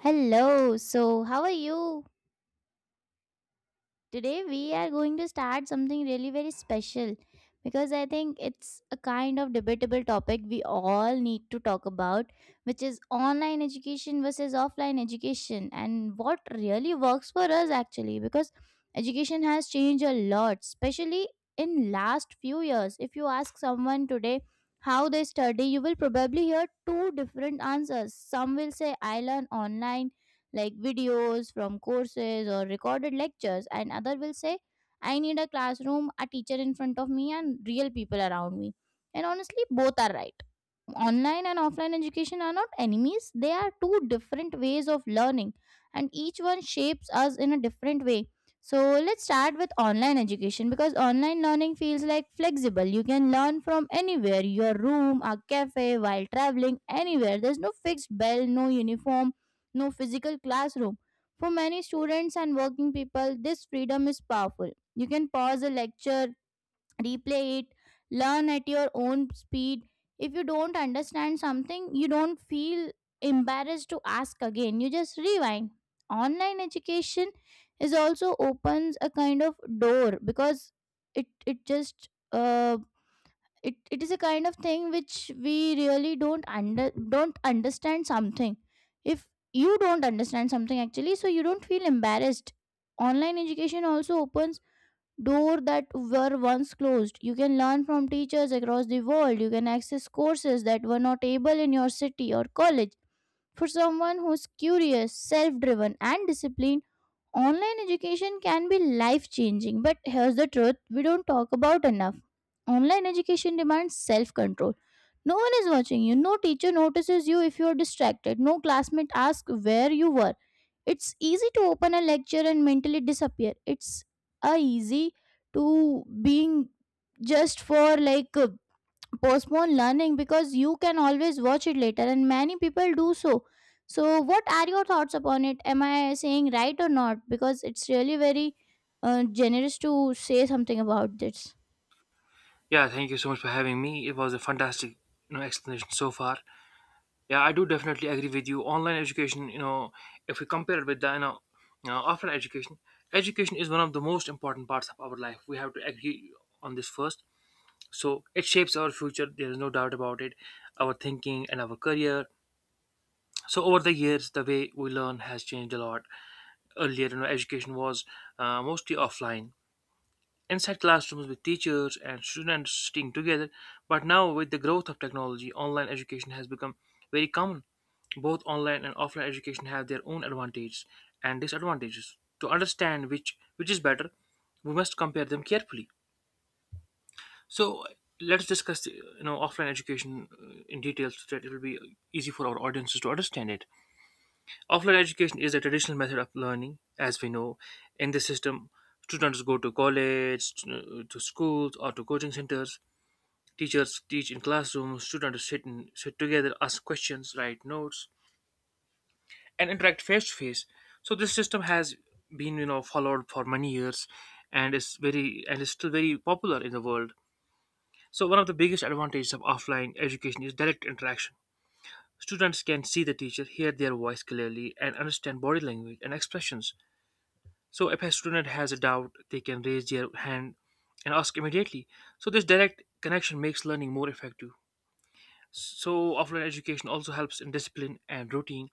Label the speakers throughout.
Speaker 1: Hello, so how are you? Today we are going to start something really very special because I think it's a kind of debatable topic we all need to talk about, which is online education versus offline education and what really works for us actually, because education has changed a lot, especially in last few years. If you ask someone today how they study, you will probably hear two different answers. Some will say I learn online, like videos from courses or recorded lectures, and other will say, I need a classroom, a teacher in front of me, and real people around me. And honestly, both are right. Online and offline education are not enemies, they are two different ways of learning, and each one shapes us in a different way. So let's start with online education, because online learning feels like flexible. You can learn from anywhere, your room, a cafe, while traveling anywhere. There's no fixed bell, no uniform, no physical classroom. For many students and working people, this freedom is powerful. You can pause a lecture, replay it, learn at your own speed. If you don't understand something, you don't feel embarrassed to ask again. You just rewind. Online education is also opens a kind of door, because it it just uh, it is a kind of thing which we really don't understand something. If you don't understand something actually, so you don't feel embarrassed. Online education also opens door that were once closed. You can learn from teachers across the world. You can access courses that were not able in your city or college. For someone who's curious, self driven, and disciplined, online education can be life changing, but here's the truth we don't talk about enough. Online education demands self control. No one is watching you, no teacher notices you if you're distracted, no classmate asks where you were. It's easy to open a lecture and mentally disappear. It's a easy to being just for like postpone learning, because you can always watch it later and many people do so. So what are your thoughts upon it? Am I saying right or not? Because it's really very generous to say something about this.
Speaker 2: Yeah, thank you so much for having me. It was a fantastic, explanation so far. Yeah, I do definitely agree with you. Online education, if we compare it with the offline education, education is one of the most important parts of our life. We have to agree on this first. So it shapes our future. There is no doubt about it. Our thinking and our career. So over the years, the way we learn has changed a lot. Earlier, education was mostly offline inside classrooms with teachers and students sitting together. But now, with the growth of technology, online education has become very common. Both online and offline education have their own advantages and disadvantages. To understand which is better, we must compare them carefully. So let's discuss offline education in detail so that it will be easy for our audiences to understand it. Offline education is a traditional method of learning, as we know. In this system, students go to college, to schools, or to coaching centers. Teachers teach in classrooms. Students sit together, ask questions, write notes, and interact face to face. So this system has been, followed for many years, and is still very popular in the world. So one of the biggest advantages of offline education is direct interaction. Students can see the teacher, hear their voice clearly, and understand body language and expressions. So if a student has a doubt, they can raise their hand and ask immediately. So this direct connection makes learning more effective. So offline education also helps in discipline and routine.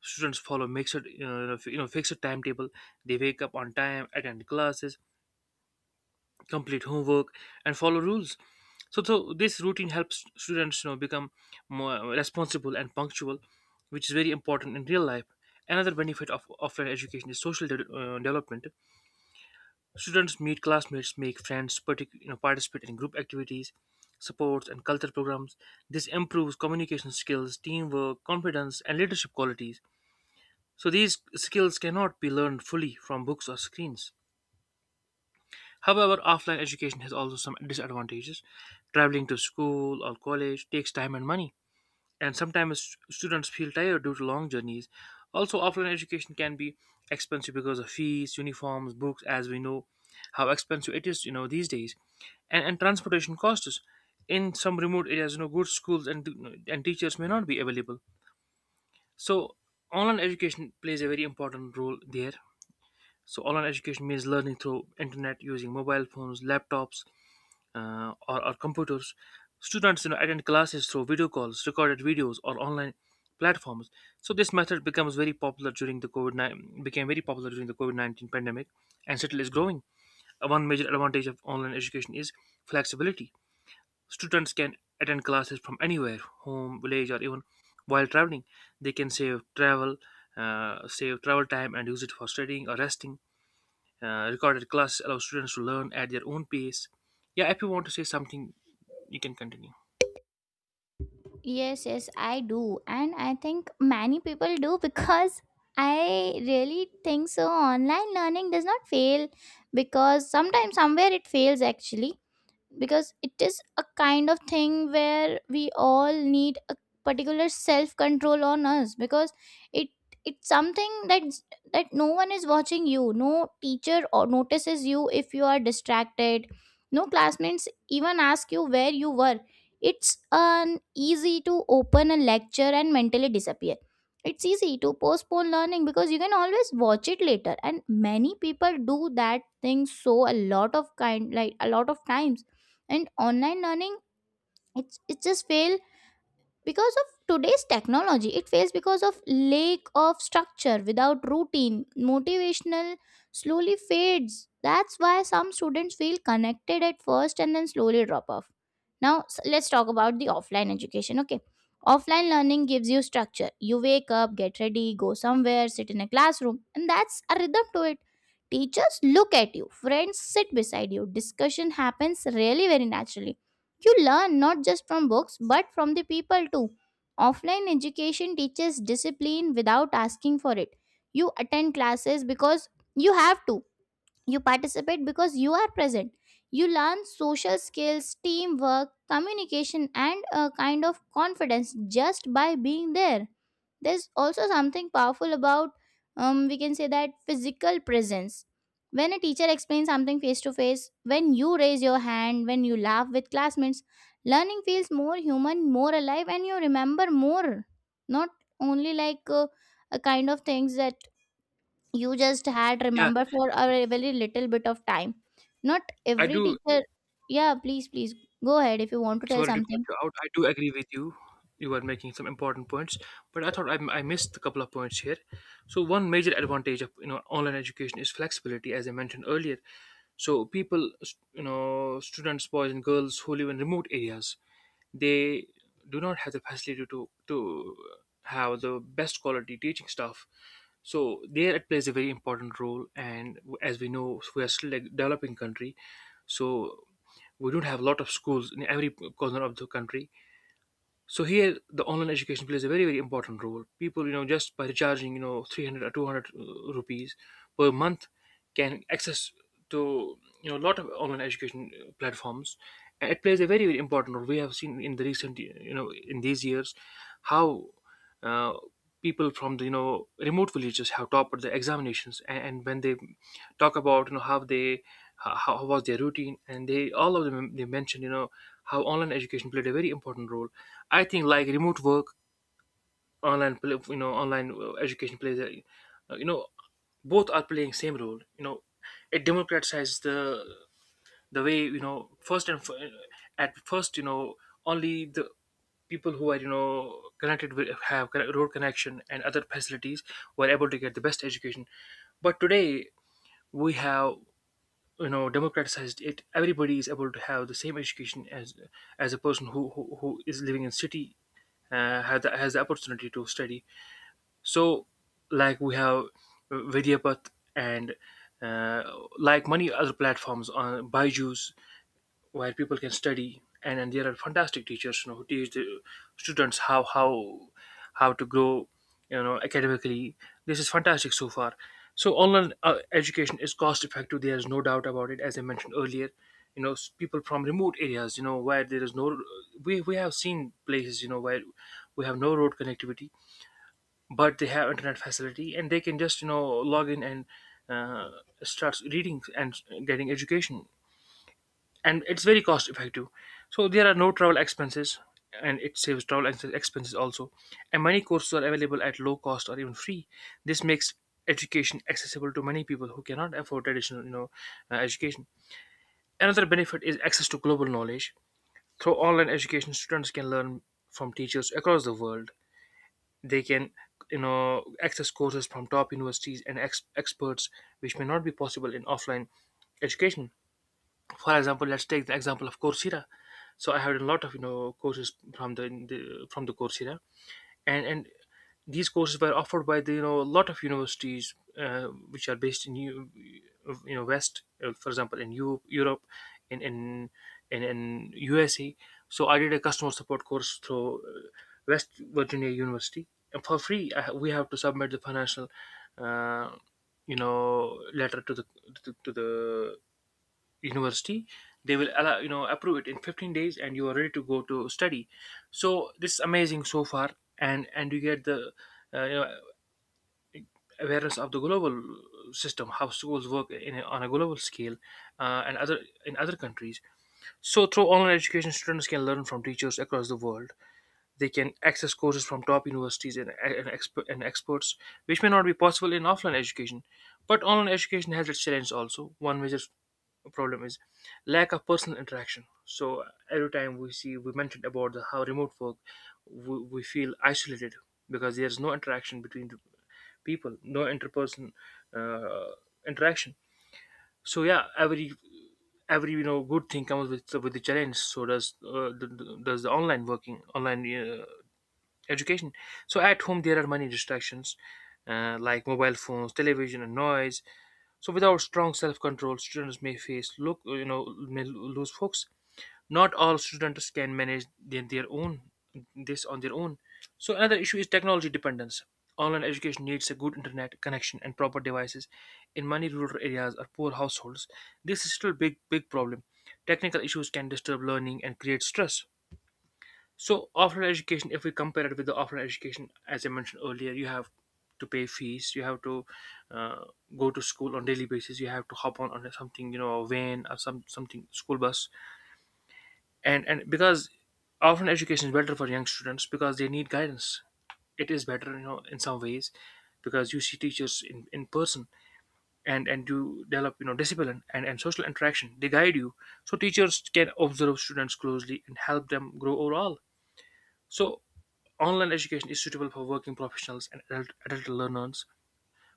Speaker 2: Students follow mixed, you know, f- you know, fixed timetable. They wake up on time, attend classes, complete homework, and follow rules. So, this routine helps students, become more responsible and punctual, which is very important in real life. Another benefit of offline education is social development. Students meet classmates, make friends, participate in group activities, sports, and cultural programs. This improves communication skills, teamwork, confidence, and leadership qualities. So, these skills cannot be learned fully from books or screens. However, offline education has also some disadvantages. Traveling to school or college takes time and money, and sometimes students feel tired due to long journeys. Also, offline education can be expensive because of fees, uniforms, books, as we know how expensive it is, these days, and transportation costs. In some remote areas, good schools and teachers may not be available. So, online education plays a very important role there. So, online education means learning through internet using mobile phones, laptops, or computers. Students, attend classes through video calls, recorded videos, or online platforms. So this method becomes very popular during the COVID became very popular during the COVID 19 pandemic, and still is growing. One major advantage of online education is flexibility. Students can attend classes from anywhere, home, village, or even while traveling. They can save travel time, and use it for studying or resting. Recorded classes allow students to learn at their own pace. Yeah, if you want to say something, you can continue.
Speaker 1: Yes, yes, I do, and I think many people do because I really think so online learning does not fail, because sometimes somewhere it fails actually, because it is a kind of thing where we all need a particular self control on us. Because it it's something that no one is watching you, no teacher or notices you if you are distracted, no classmates even ask you where you were. It's an easy to open a lecture and mentally disappear. It's easy to postpone learning because you can always watch it later, and many people do that thing, so a lot of kind, like a lot of times. And online learning, it just fail because of today's technology. It fails because of lack of structure. Without routine, motivational slowly fades. That's why some students feel connected at first and then slowly drop off. Now let's talk about the offline education. Okay, offline learning gives you structure. You wake up, get ready, go somewhere, sit in a classroom, and that's a rhythm to it. Teachers look at you, friends sit beside you, discussion happens really very naturally. You learn not just from books but from the people too. Offline education teaches discipline without asking for it. You attend classes because you have to. You participate because you are present. You learn social skills, teamwork, communication, and a kind of confidence just by being there. There's also something powerful about, we can say that physical presence. When a teacher explains something face to face, when you raise your hand, when you laugh with classmates, learning feels more human, more alive, and you remember more. Not only like a kind of things that you just had
Speaker 2: Yeah,
Speaker 1: remember for a very little bit of time. Not
Speaker 2: I
Speaker 1: every
Speaker 2: do.
Speaker 1: teacher. Yeah, please, please go ahead if you want to tell
Speaker 2: Sorry to cut
Speaker 1: something.
Speaker 2: you out. I do agree with you. You are making some important points, but I thought I missed a couple of points here. So one major advantage of online education is flexibility, as I mentioned earlier. So people, students, boys and girls who live in remote areas, they do not have the facility to have the best quality teaching staff. So there it plays a very important role, and as we know, we are still a developing country, so we don't have a lot of schools in every corner of the country. So here the online education plays a very important role. People, just by recharging, 300 or 200 rupees per month, can access to a lot of online education platforms, and it plays a very important role. We have seen in the recent, in these years, how uh, people from the, remote villages have topped the examinations, and when they talk about, how they, how was their routine, and they all of them, they mentioned, how online education played a very important role. I think like remote work, online education plays a uh, you know both are playing same role, it democratizes the way, at first, only the people who are, connected with, road connection and other facilities, were able to get the best education. But today, we have, democratized it. Everybody is able to have the same education as a person who is living in city, has the opportunity to study. So, like we have vidyapath, and uh, like many other platforms on byju's, where people can study, and there are fantastic teachers, who teach the students how to grow, academically. This is fantastic so far. So online education is cost effective. There is no doubt about it, as I mentioned earlier. People from remote areas, where there is no — we have seen places, where we have no road connectivity, but they have internet facility, and they can just, log in and uh, start reading and getting education. And it's very cost effective. So there are no travel expenses, and it saves travel expenses also, and many courses are available at low cost or even free. This makes education accessible to many people who cannot afford traditional, education. Another benefit is access to global knowledge. Through online education, students can learn from teachers across the world. They can, access courses from top universities and experts, which may not be possible in offline education. For example, let's take the example of coursera. So I had a lot of, courses from the from the coursera. And these courses were offered by the, a lot of universities, which are based in west, for example in europe, in in in usa. So I did a customer support course through west virginia university, and for free. We have to submit the financial uh, letter to the university. They will, allow approve it in 15 days, and you are ready to go to study. So this is amazing so far. And you get the uh, you know, awareness of the global system, how schools work in on a global scale, and other in other countries. So through online education, students can learn from teachers across the world. They can access courses from top universities, and experts, which may not be possible in offline education. But online education has its challenges also. One major problem is lack of personal interaction. So every time we see, we mentioned about how remote work, we feel isolated, because there's no interaction between the people, no interperson uh, interaction. So yeah, every, good thing comes with the challenge. So does does the online working, online education. So at home there are many distractions, like mobile phones, television, and noise. So without strong self-control, students may face look may lose focus. Not all students can manage their own, this on their own. So another issue is technology dependence. Online education needs a good internet connection and proper devices. In many rural areas or poor households, this is still a big problem. Technical issues can disturb learning and create stress. So offline education, if we compare it with the offline education, as I mentioned earlier, you have to pay fees, you have to uh, go to school on daily basis, you have to hop on something, you know, a van or something school bus, and because offline education is better for young students because they need guidance. It is better, you know, in some ways, because you see teachers in person, and you develop, you know, discipline and social interaction. They guide you. So teachers can observe students closely and help them grow overall. So online education is suitable for working professionals and adult learners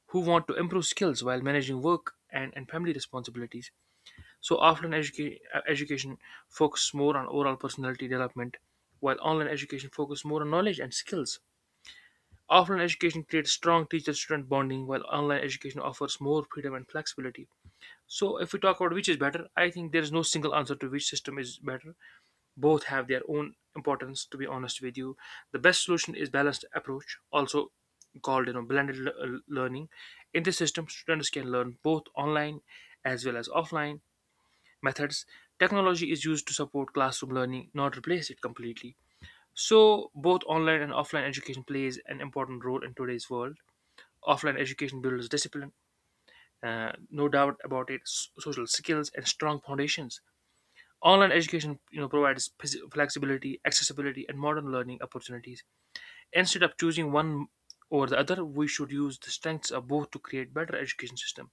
Speaker 2: who want to improve skills while managing work and family responsibilities. So, education focuses more on overall personality development, while online education focuses more on knowledge and skills. Offline education creates strong teacher student bonding, while online education offers more freedom and flexibility. So, if we talk about which is better, I think there is no single answer to which system is better. Both have their own importance, to be honest with you. The best solution is balanced approach, also called learning. In this system students can learn both online as well as offline methods. Technology is used to support classroom learning, not replace it completely. So both online and offline education plays an important role in today's world. Offline education builds discipline, no doubt about it, social skills and strong foundations. Online education, you know, provides flexibility, accessibility, and modern learning opportunities. Instead of choosing one over the other, we should use the strengths of both to create better education system.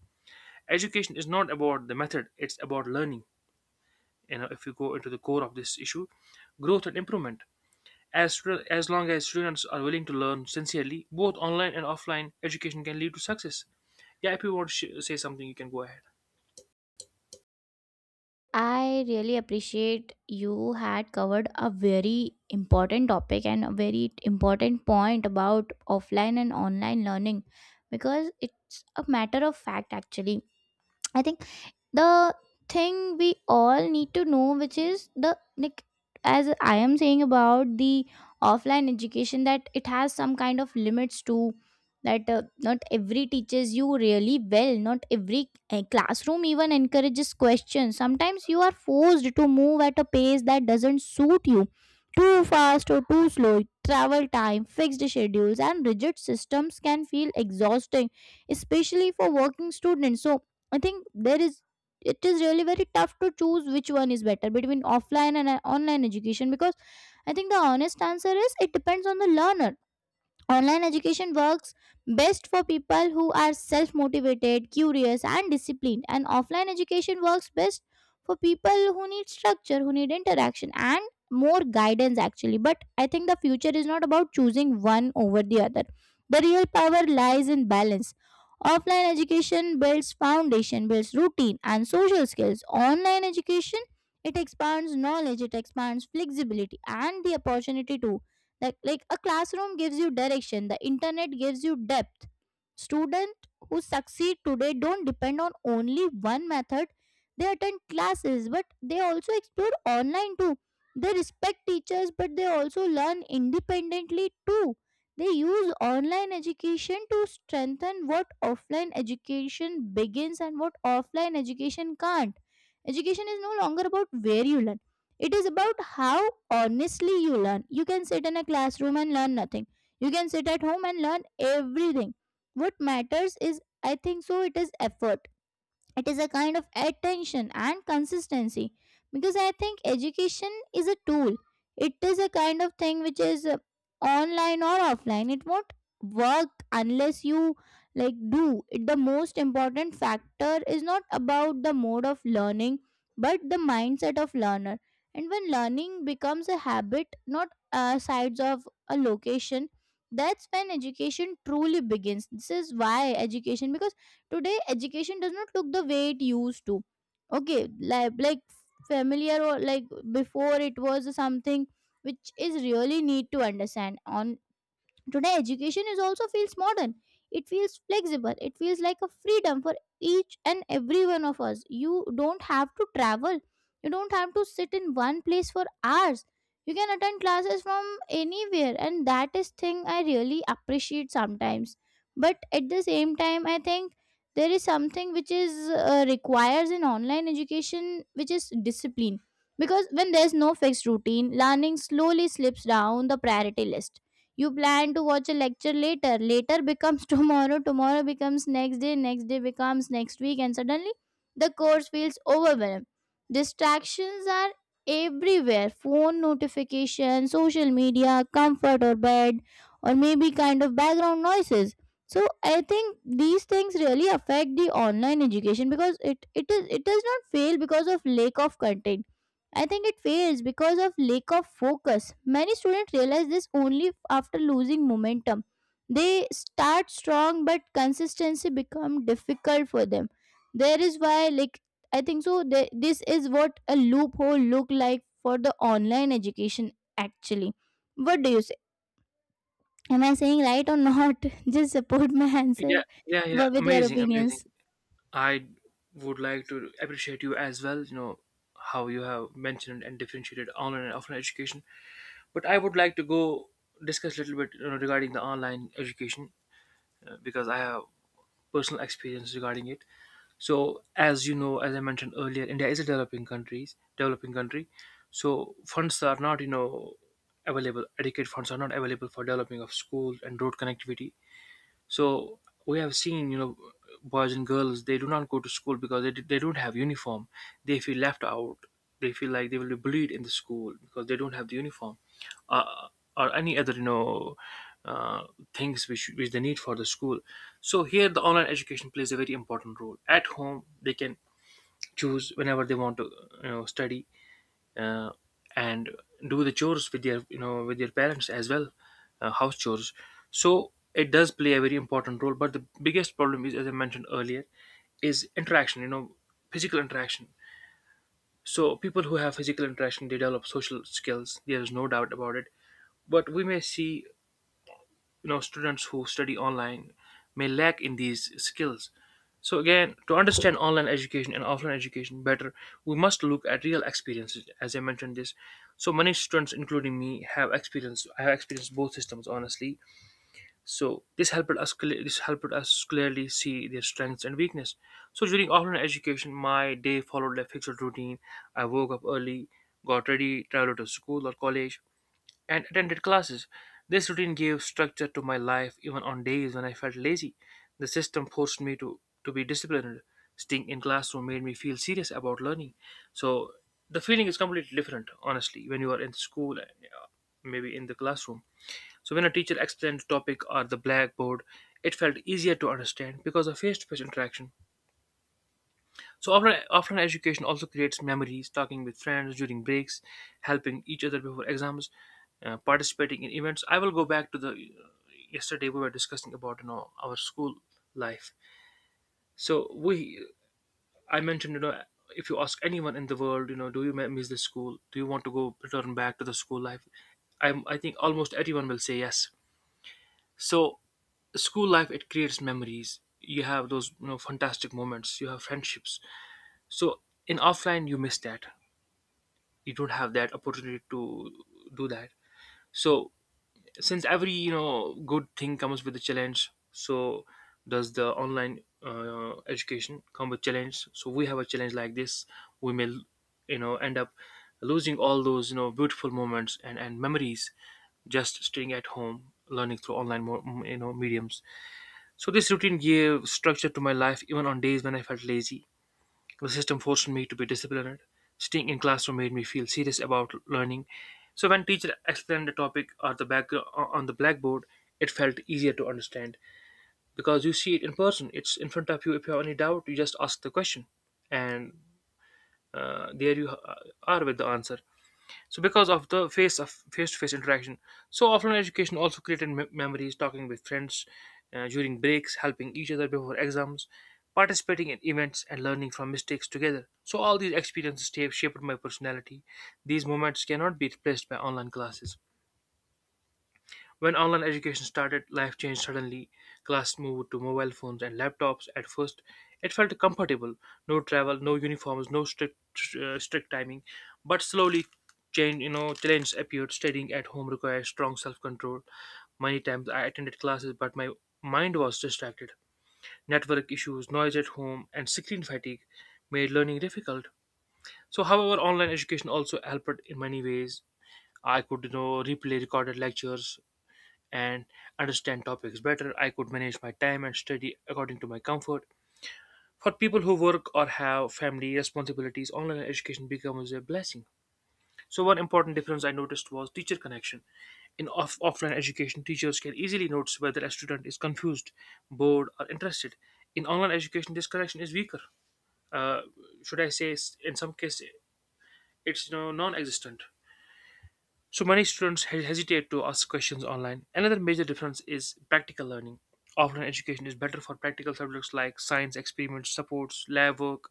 Speaker 2: Education is not about the method; it's about learning. You know, if you go into the core of this issue, growth and improvement. As long as students are willing to learn sincerely, both online and offline education can lead to success. Yeah, if you want to say something, you can go ahead.
Speaker 1: I really appreciate you had covered a very important topic and a very important point about offline and online learning, because it's a matter of fact actually. I think the thing we all need to know, which is the, like, as I am saying about the offline education, that it has some kind of limits to that. Not every teaches you really well, not every classroom even encourages questions. Sometimes you are forced to move at a pace that doesn't suit you, too fast or too slow. Travel time, fixed schedules, and rigid systems can feel exhausting, especially for working students. So I think there is, it is really very tough to choose which one is better between offline and online education, because I think the honest answer is it depends on the learner. Online education works best for people who are self motivated, curious, and disciplined, and offline education works best for people who need structure, who need interaction, and more guidance actually. But I think the future is not about choosing one over the other. The real power lies in balance. Offline education builds foundation, builds routine and social skills. Online education, it expands knowledge, it expands flexibility and the opportunity too. Like a classroom gives you direction, the internet gives you depth. Students who succeed today don't depend on only one method. They attend classes, but they also explore online too. They respect teachers, but they also learn independently too. They use online education to strengthen what offline education begins and what offline education can't. Education is no longer about where you learn, it is about how honestly you learn. You can sit in a classroom and learn nothing, you can sit at home and learn everything. What matters is, I think so, it is effort. It is a kind of attention and consistency. Because I think education is a tool. It is a kind of thing which is online or offline, it won't work unless you, like, do it. The most important factor is not about the mode of learning, but the mindset of learner. And when learning becomes a habit, not sides of a location, that's when education truly begins. This is why education, because today, education does not look the way it used to. Okay, like familiar, or like before it was something which is really need to understand on. Today, education is also feels modern. It feels flexible. It feels like a freedom for each and every one of us. You don't have to travel. You don't have to sit in one place for hours. You can attend classes from anywhere, and that is thing I really appreciate sometimes. But at the same time, I think there is something which is requires in online education, which is discipline. Because when there's no fixed routine, learning slowly slips down the priority list. You plan to watch a lecture later. Later becomes tomorrow. Tomorrow becomes next day. Next day becomes next week. And suddenly the course feels overwhelmed. Distractions are everywhere, phone notifications, social media, comfort or bed, or maybe kind of background noises. So I think these things really affect the online education because it does not fail because of lack of content. I think it fails because of lack of focus. Many students realize this only after losing momentum. They start strong but consistency become difficult for them. There is why, like, I think so this is what a loophole look like for the online education actually. What do you say? Am I saying right or not? Just support my
Speaker 2: Yeah,
Speaker 1: answer
Speaker 2: yeah, yeah.
Speaker 1: with your
Speaker 2: Amazing, amazing.
Speaker 1: opinions.
Speaker 2: I would like to appreciate you as well, you know, how you have mentioned and differentiated online and offline education. But I would like to go discuss a little bit, you know, regarding the online education, because I have personal experience regarding it. So, as you know, as I mentioned earlier, India is a developing country, developing country. So funds are not, you know, available. Adequate funds are not available for developing of schools and road connectivity. So we have seen, you know, boys and girls, they do not go to school because they don't have uniform. They feel left out. They feel like they will be bullied in the school because they don't have the uniform, uh, or any other, you know, uh, things which they need for the school. So here, the online education plays a very important role. At home, they can choose whenever they want to, you know, study, uh, and do the chores with their, you know, with their parents as well, house chores. So it does play a very important role, but the biggest problem, is as I mentioned earlier, is interaction, you know, physical interaction. So people who have physical interaction, they develop social skills, there is no doubt about it. But we may see, you know, students who study online may lack in these skills. So again, to understand online education and offline education better, we must look at real experiences, as I mentioned this. So many students including me have experienced, I have experienced both systems honestly. So this helped us clearly see their strengths and weakness. So during offline education, my day followed a fixed routine. I woke up early, got ready, traveled to school or college, and attended classes. This routine gave structure to my life even on days when I felt lazy. The system forced me to be disciplined. Staying in classroom made me feel serious about learning. So the feeling is completely different, honestly, when you are in school, maybe in the classroom. So when a teacher explained the topic or the blackboard, it felt easier to understand because of face-to-face interaction. So offline education also creates memories, talking with friends during breaks, helping each other before exams, participating in events. I will go back to the yesterday we were discussing about, you know, our school life. So we, I mentioned, you know, if you ask anyone in the world, you know, do you miss the school? Do you want to go return back to the school life? I think almost everyone will say yes. So school life, it creates memories, you have those, you know, fantastic moments, you have friendships. So in offline you miss that, you don't have that opportunity to do that. So since every, you know, good thing comes with a challenge, so does the online education come with challenge. So we have a challenge like this, we may, you know, end up losing all those, you know, beautiful moments and memories, just staying at home learning through you know, mediums. So this routine gave structure to my life even on days when I felt lazy. The system forced me to be disciplined. Staying in classroom made me feel serious about learning. So when teacher explained the topic or the back on the blackboard, it felt easier to understand because you see it in person. It's in front of you. If you have any doubt, you just ask the question, and there you are with the answer. So because of the face-to-face interaction, so offline education also memories, talking with friends, during breaks, helping each other before exams, participating in events, and learning from mistakes together. So all these experiences shaped my personality. These moments cannot be replaced by online classes. When online education started, life changed suddenly. Class moved to mobile phones and laptops. At first, it felt comfortable. No travel, no uniforms, no strict timing. But slowly, change you know, challenges appeared. Studying at home requires strong self control. Many times I attended classes, but my mind was distracted. Network issues, noise at home, and screen fatigue made learning difficult. So, however, online education also helped in many ways. I could, you know, replay recorded lectures and understand topics better. I could manage my time and study according to my comfort. For people who work or have family responsibilities, online education becomes a blessing. So, one important difference I noticed was teacher connection. In offline education, teachers can easily notice whether a student is confused, bored, or interested. In online education, this connection is weaker. Uh, should I say, in some cases, it's, you know, non-existent. So many students hesitate to ask questions online. Another major difference is practical learning. Offline education is better for practical subjects like science experiments, supports, lab work.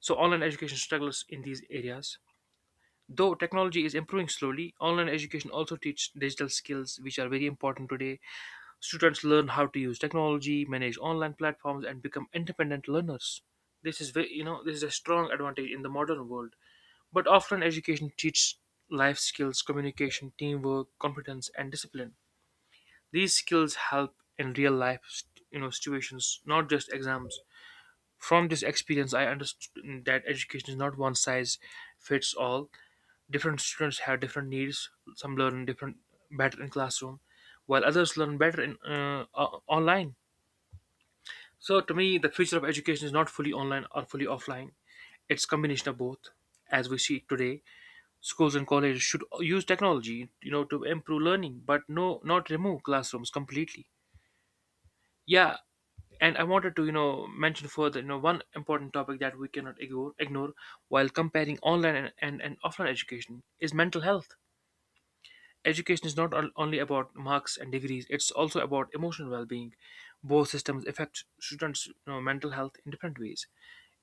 Speaker 2: So online education struggles in these areas. Though technology is improving slowly, online education also teaches digital skills which are very important today. Students learn how to use technology, manage online platforms and become independent learners. This is very, you know, this is a strong advantage in the modern world. But often education teaches life skills, communication, teamwork, competence, and discipline. These skills help in real life, you know, situations, not just exams. From this experience, I understood that education is not one size fits all. Different students have different needs. Some learn different better in classroom, while others learn better in online. So, to me, the future of education is not fully online or fully offline. It's combination of both, as we see today. Schools and colleges should use technology, you know, to improve learning, but not remove classrooms completely. Yeah, and I wanted to, you know, mention further, you know, one important topic that we cannot ignore while comparing online and offline education is mental health. Education is not only about marks and degrees, it's also about emotional well-being. Both systems affect students, you know, mental health in different ways.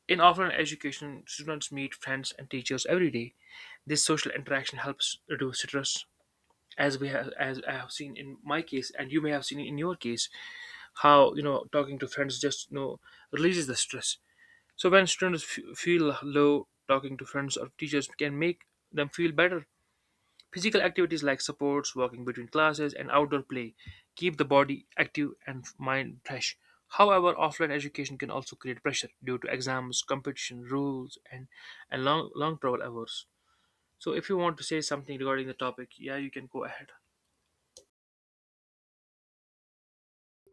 Speaker 2: In offline education students meet friends and teachers every day. This social interaction helps reduce stress, as we have, as I have seen in my case and you may have seen in your case, how, you know, talking to friends just, you know, releases the stress. So when students feel low, talking to friends or teachers can make them feel better. Physical activities like sports, walking between classes and outdoor play keep the body active and mind fresh. However, offline education can also create pressure due to exams, competition, rules, and long travel hours. So if you want to say something regarding the topic, yeah, you can go ahead.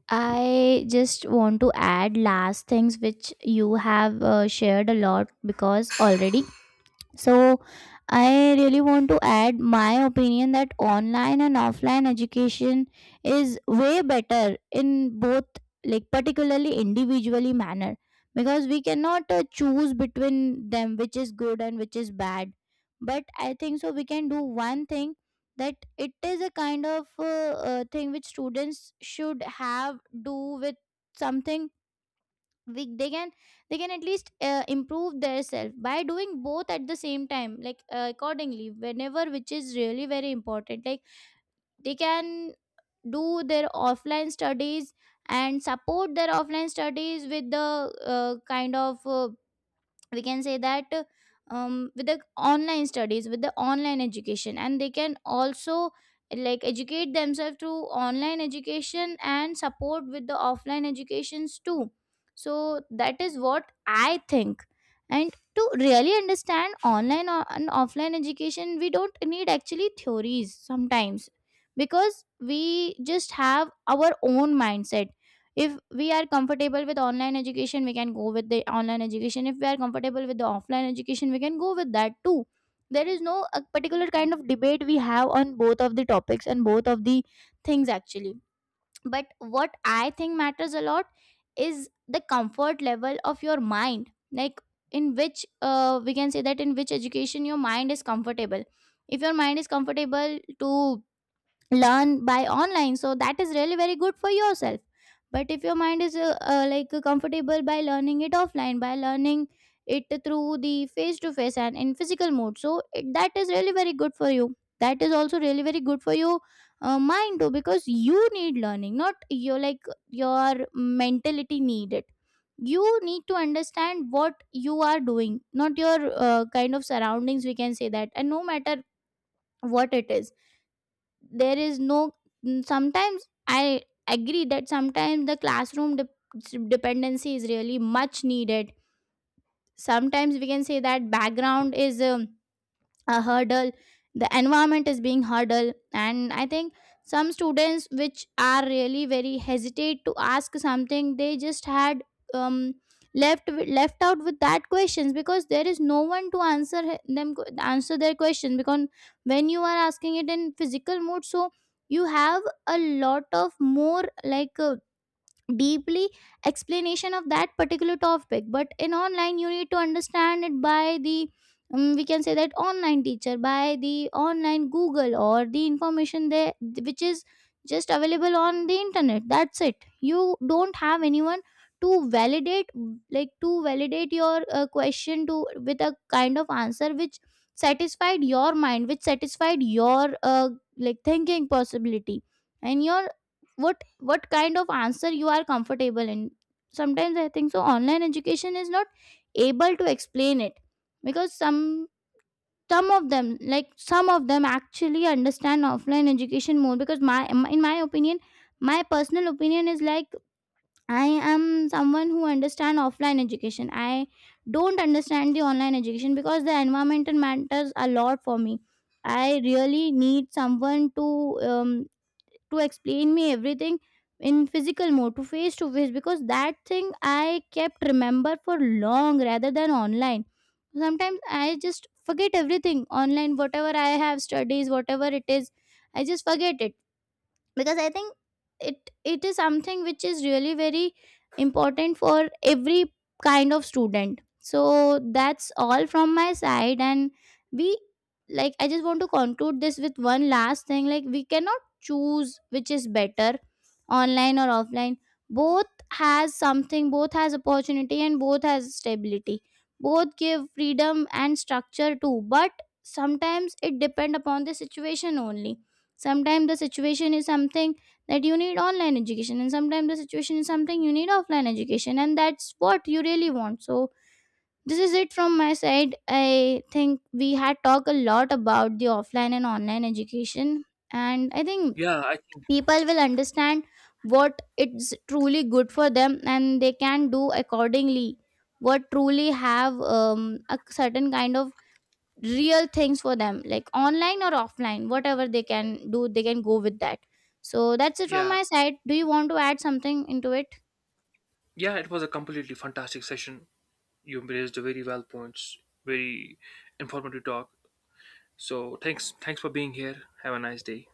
Speaker 1: I just want to add last things which you have shared a lot because already. So, I really want to add my opinion that online and offline education is way better in both, like, particularly individually manner, because we cannot choose between them which is good and which is bad. But I think so, we can do one thing that it is a kind of thing which students should have do with something we, they can they can at least improve their self by doing both at the same time like accordingly whenever which is really very important like they can do their offline studies and support their offline studies with the kind of we can say that with the online studies with the online education, and they can also like educate themselves through online education and support with the offline educations too. So that is what I think. And to really understand and offline education, we don't need actually theories sometimes, because we just have our own mindset. If we are comfortable with online education, we can go with the online education. If we are comfortable with the offline education, we can go with that too. There is no a particular kind of debate we have on both of the topics and both of the things actually. But what I think matters a lot is the comfort level of your mind, like in which we can say that in which education your mind is comfortable. If your mind is comfortable to learn by online, so that is really very good for yourself. But if your mind is comfortable by learning it offline, by learning it through the face to face and in physical mode, so that is really very good for you. That is also really very good for your mind too, because you need learning, not your like your mentality need it. You need to understand what you are doing, not your kind of surroundings, we can say that. And no matter what it is, there is no sometimes I agree that sometimes the classroom dep dependency is really much needed. Sometimes we can say that background is a hurdle, the environment is being hurdle. And I think some students which are really very hesitate to ask something, they just had um left out with that questions, because there is no one to answer their question. Because when you are asking it in physical mode, so you have a lot of more like deeply explanation of that particular topic. But in online, you need to understand it by the we can say that online teacher, by the online Google or the information there, which is just available on the internet, that's it. You don't have anyone to validate, like to validate your question to, with a kind of answer which satisfied your mind, which satisfied your like thinking possibility and your what kind of answer you are comfortable in. Sometimes I think so online education is not able to explain it, because some of them, like some of them actually understand offline education more. Because my in my opinion, my personal opinion is like I am someone who understand offline education. I don't understand the online education because the environmental matters a lot for me. I really need someone to explain me everything in physical mode, to face to face, because that thing I kept remember for long rather than online. Sometimes I just forget everything online, whatever I have studies, whatever it is, I just forget it. Because I think it is something which is really very important for every kind of student. So that's all from my side. And we like I just want to conclude this with one last thing, like we cannot choose which is better, online or offline. Both has something, both has opportunity, and both has stability. Both give freedom and structure too, but sometimes it depend upon the situation only. Sometimes the situation is something that you need online education, and sometimes the situation is something you need offline education, and that's what you really want. So this is it from my side. I think we had talked a lot about the offline and online education, and I think
Speaker 2: Yeah, I think.
Speaker 1: people will understand what it's truly good for them, and they can do accordingly what truly have a certain kind of real things for them, like online or offline, whatever they can do, they can go with that. So that's it from
Speaker 2: Yeah,
Speaker 1: my side. Do you want to add something into it?
Speaker 2: yeah, it was a completely fantastic session. You raised very well points, very informative talk. So thanks for being here. Have a nice day.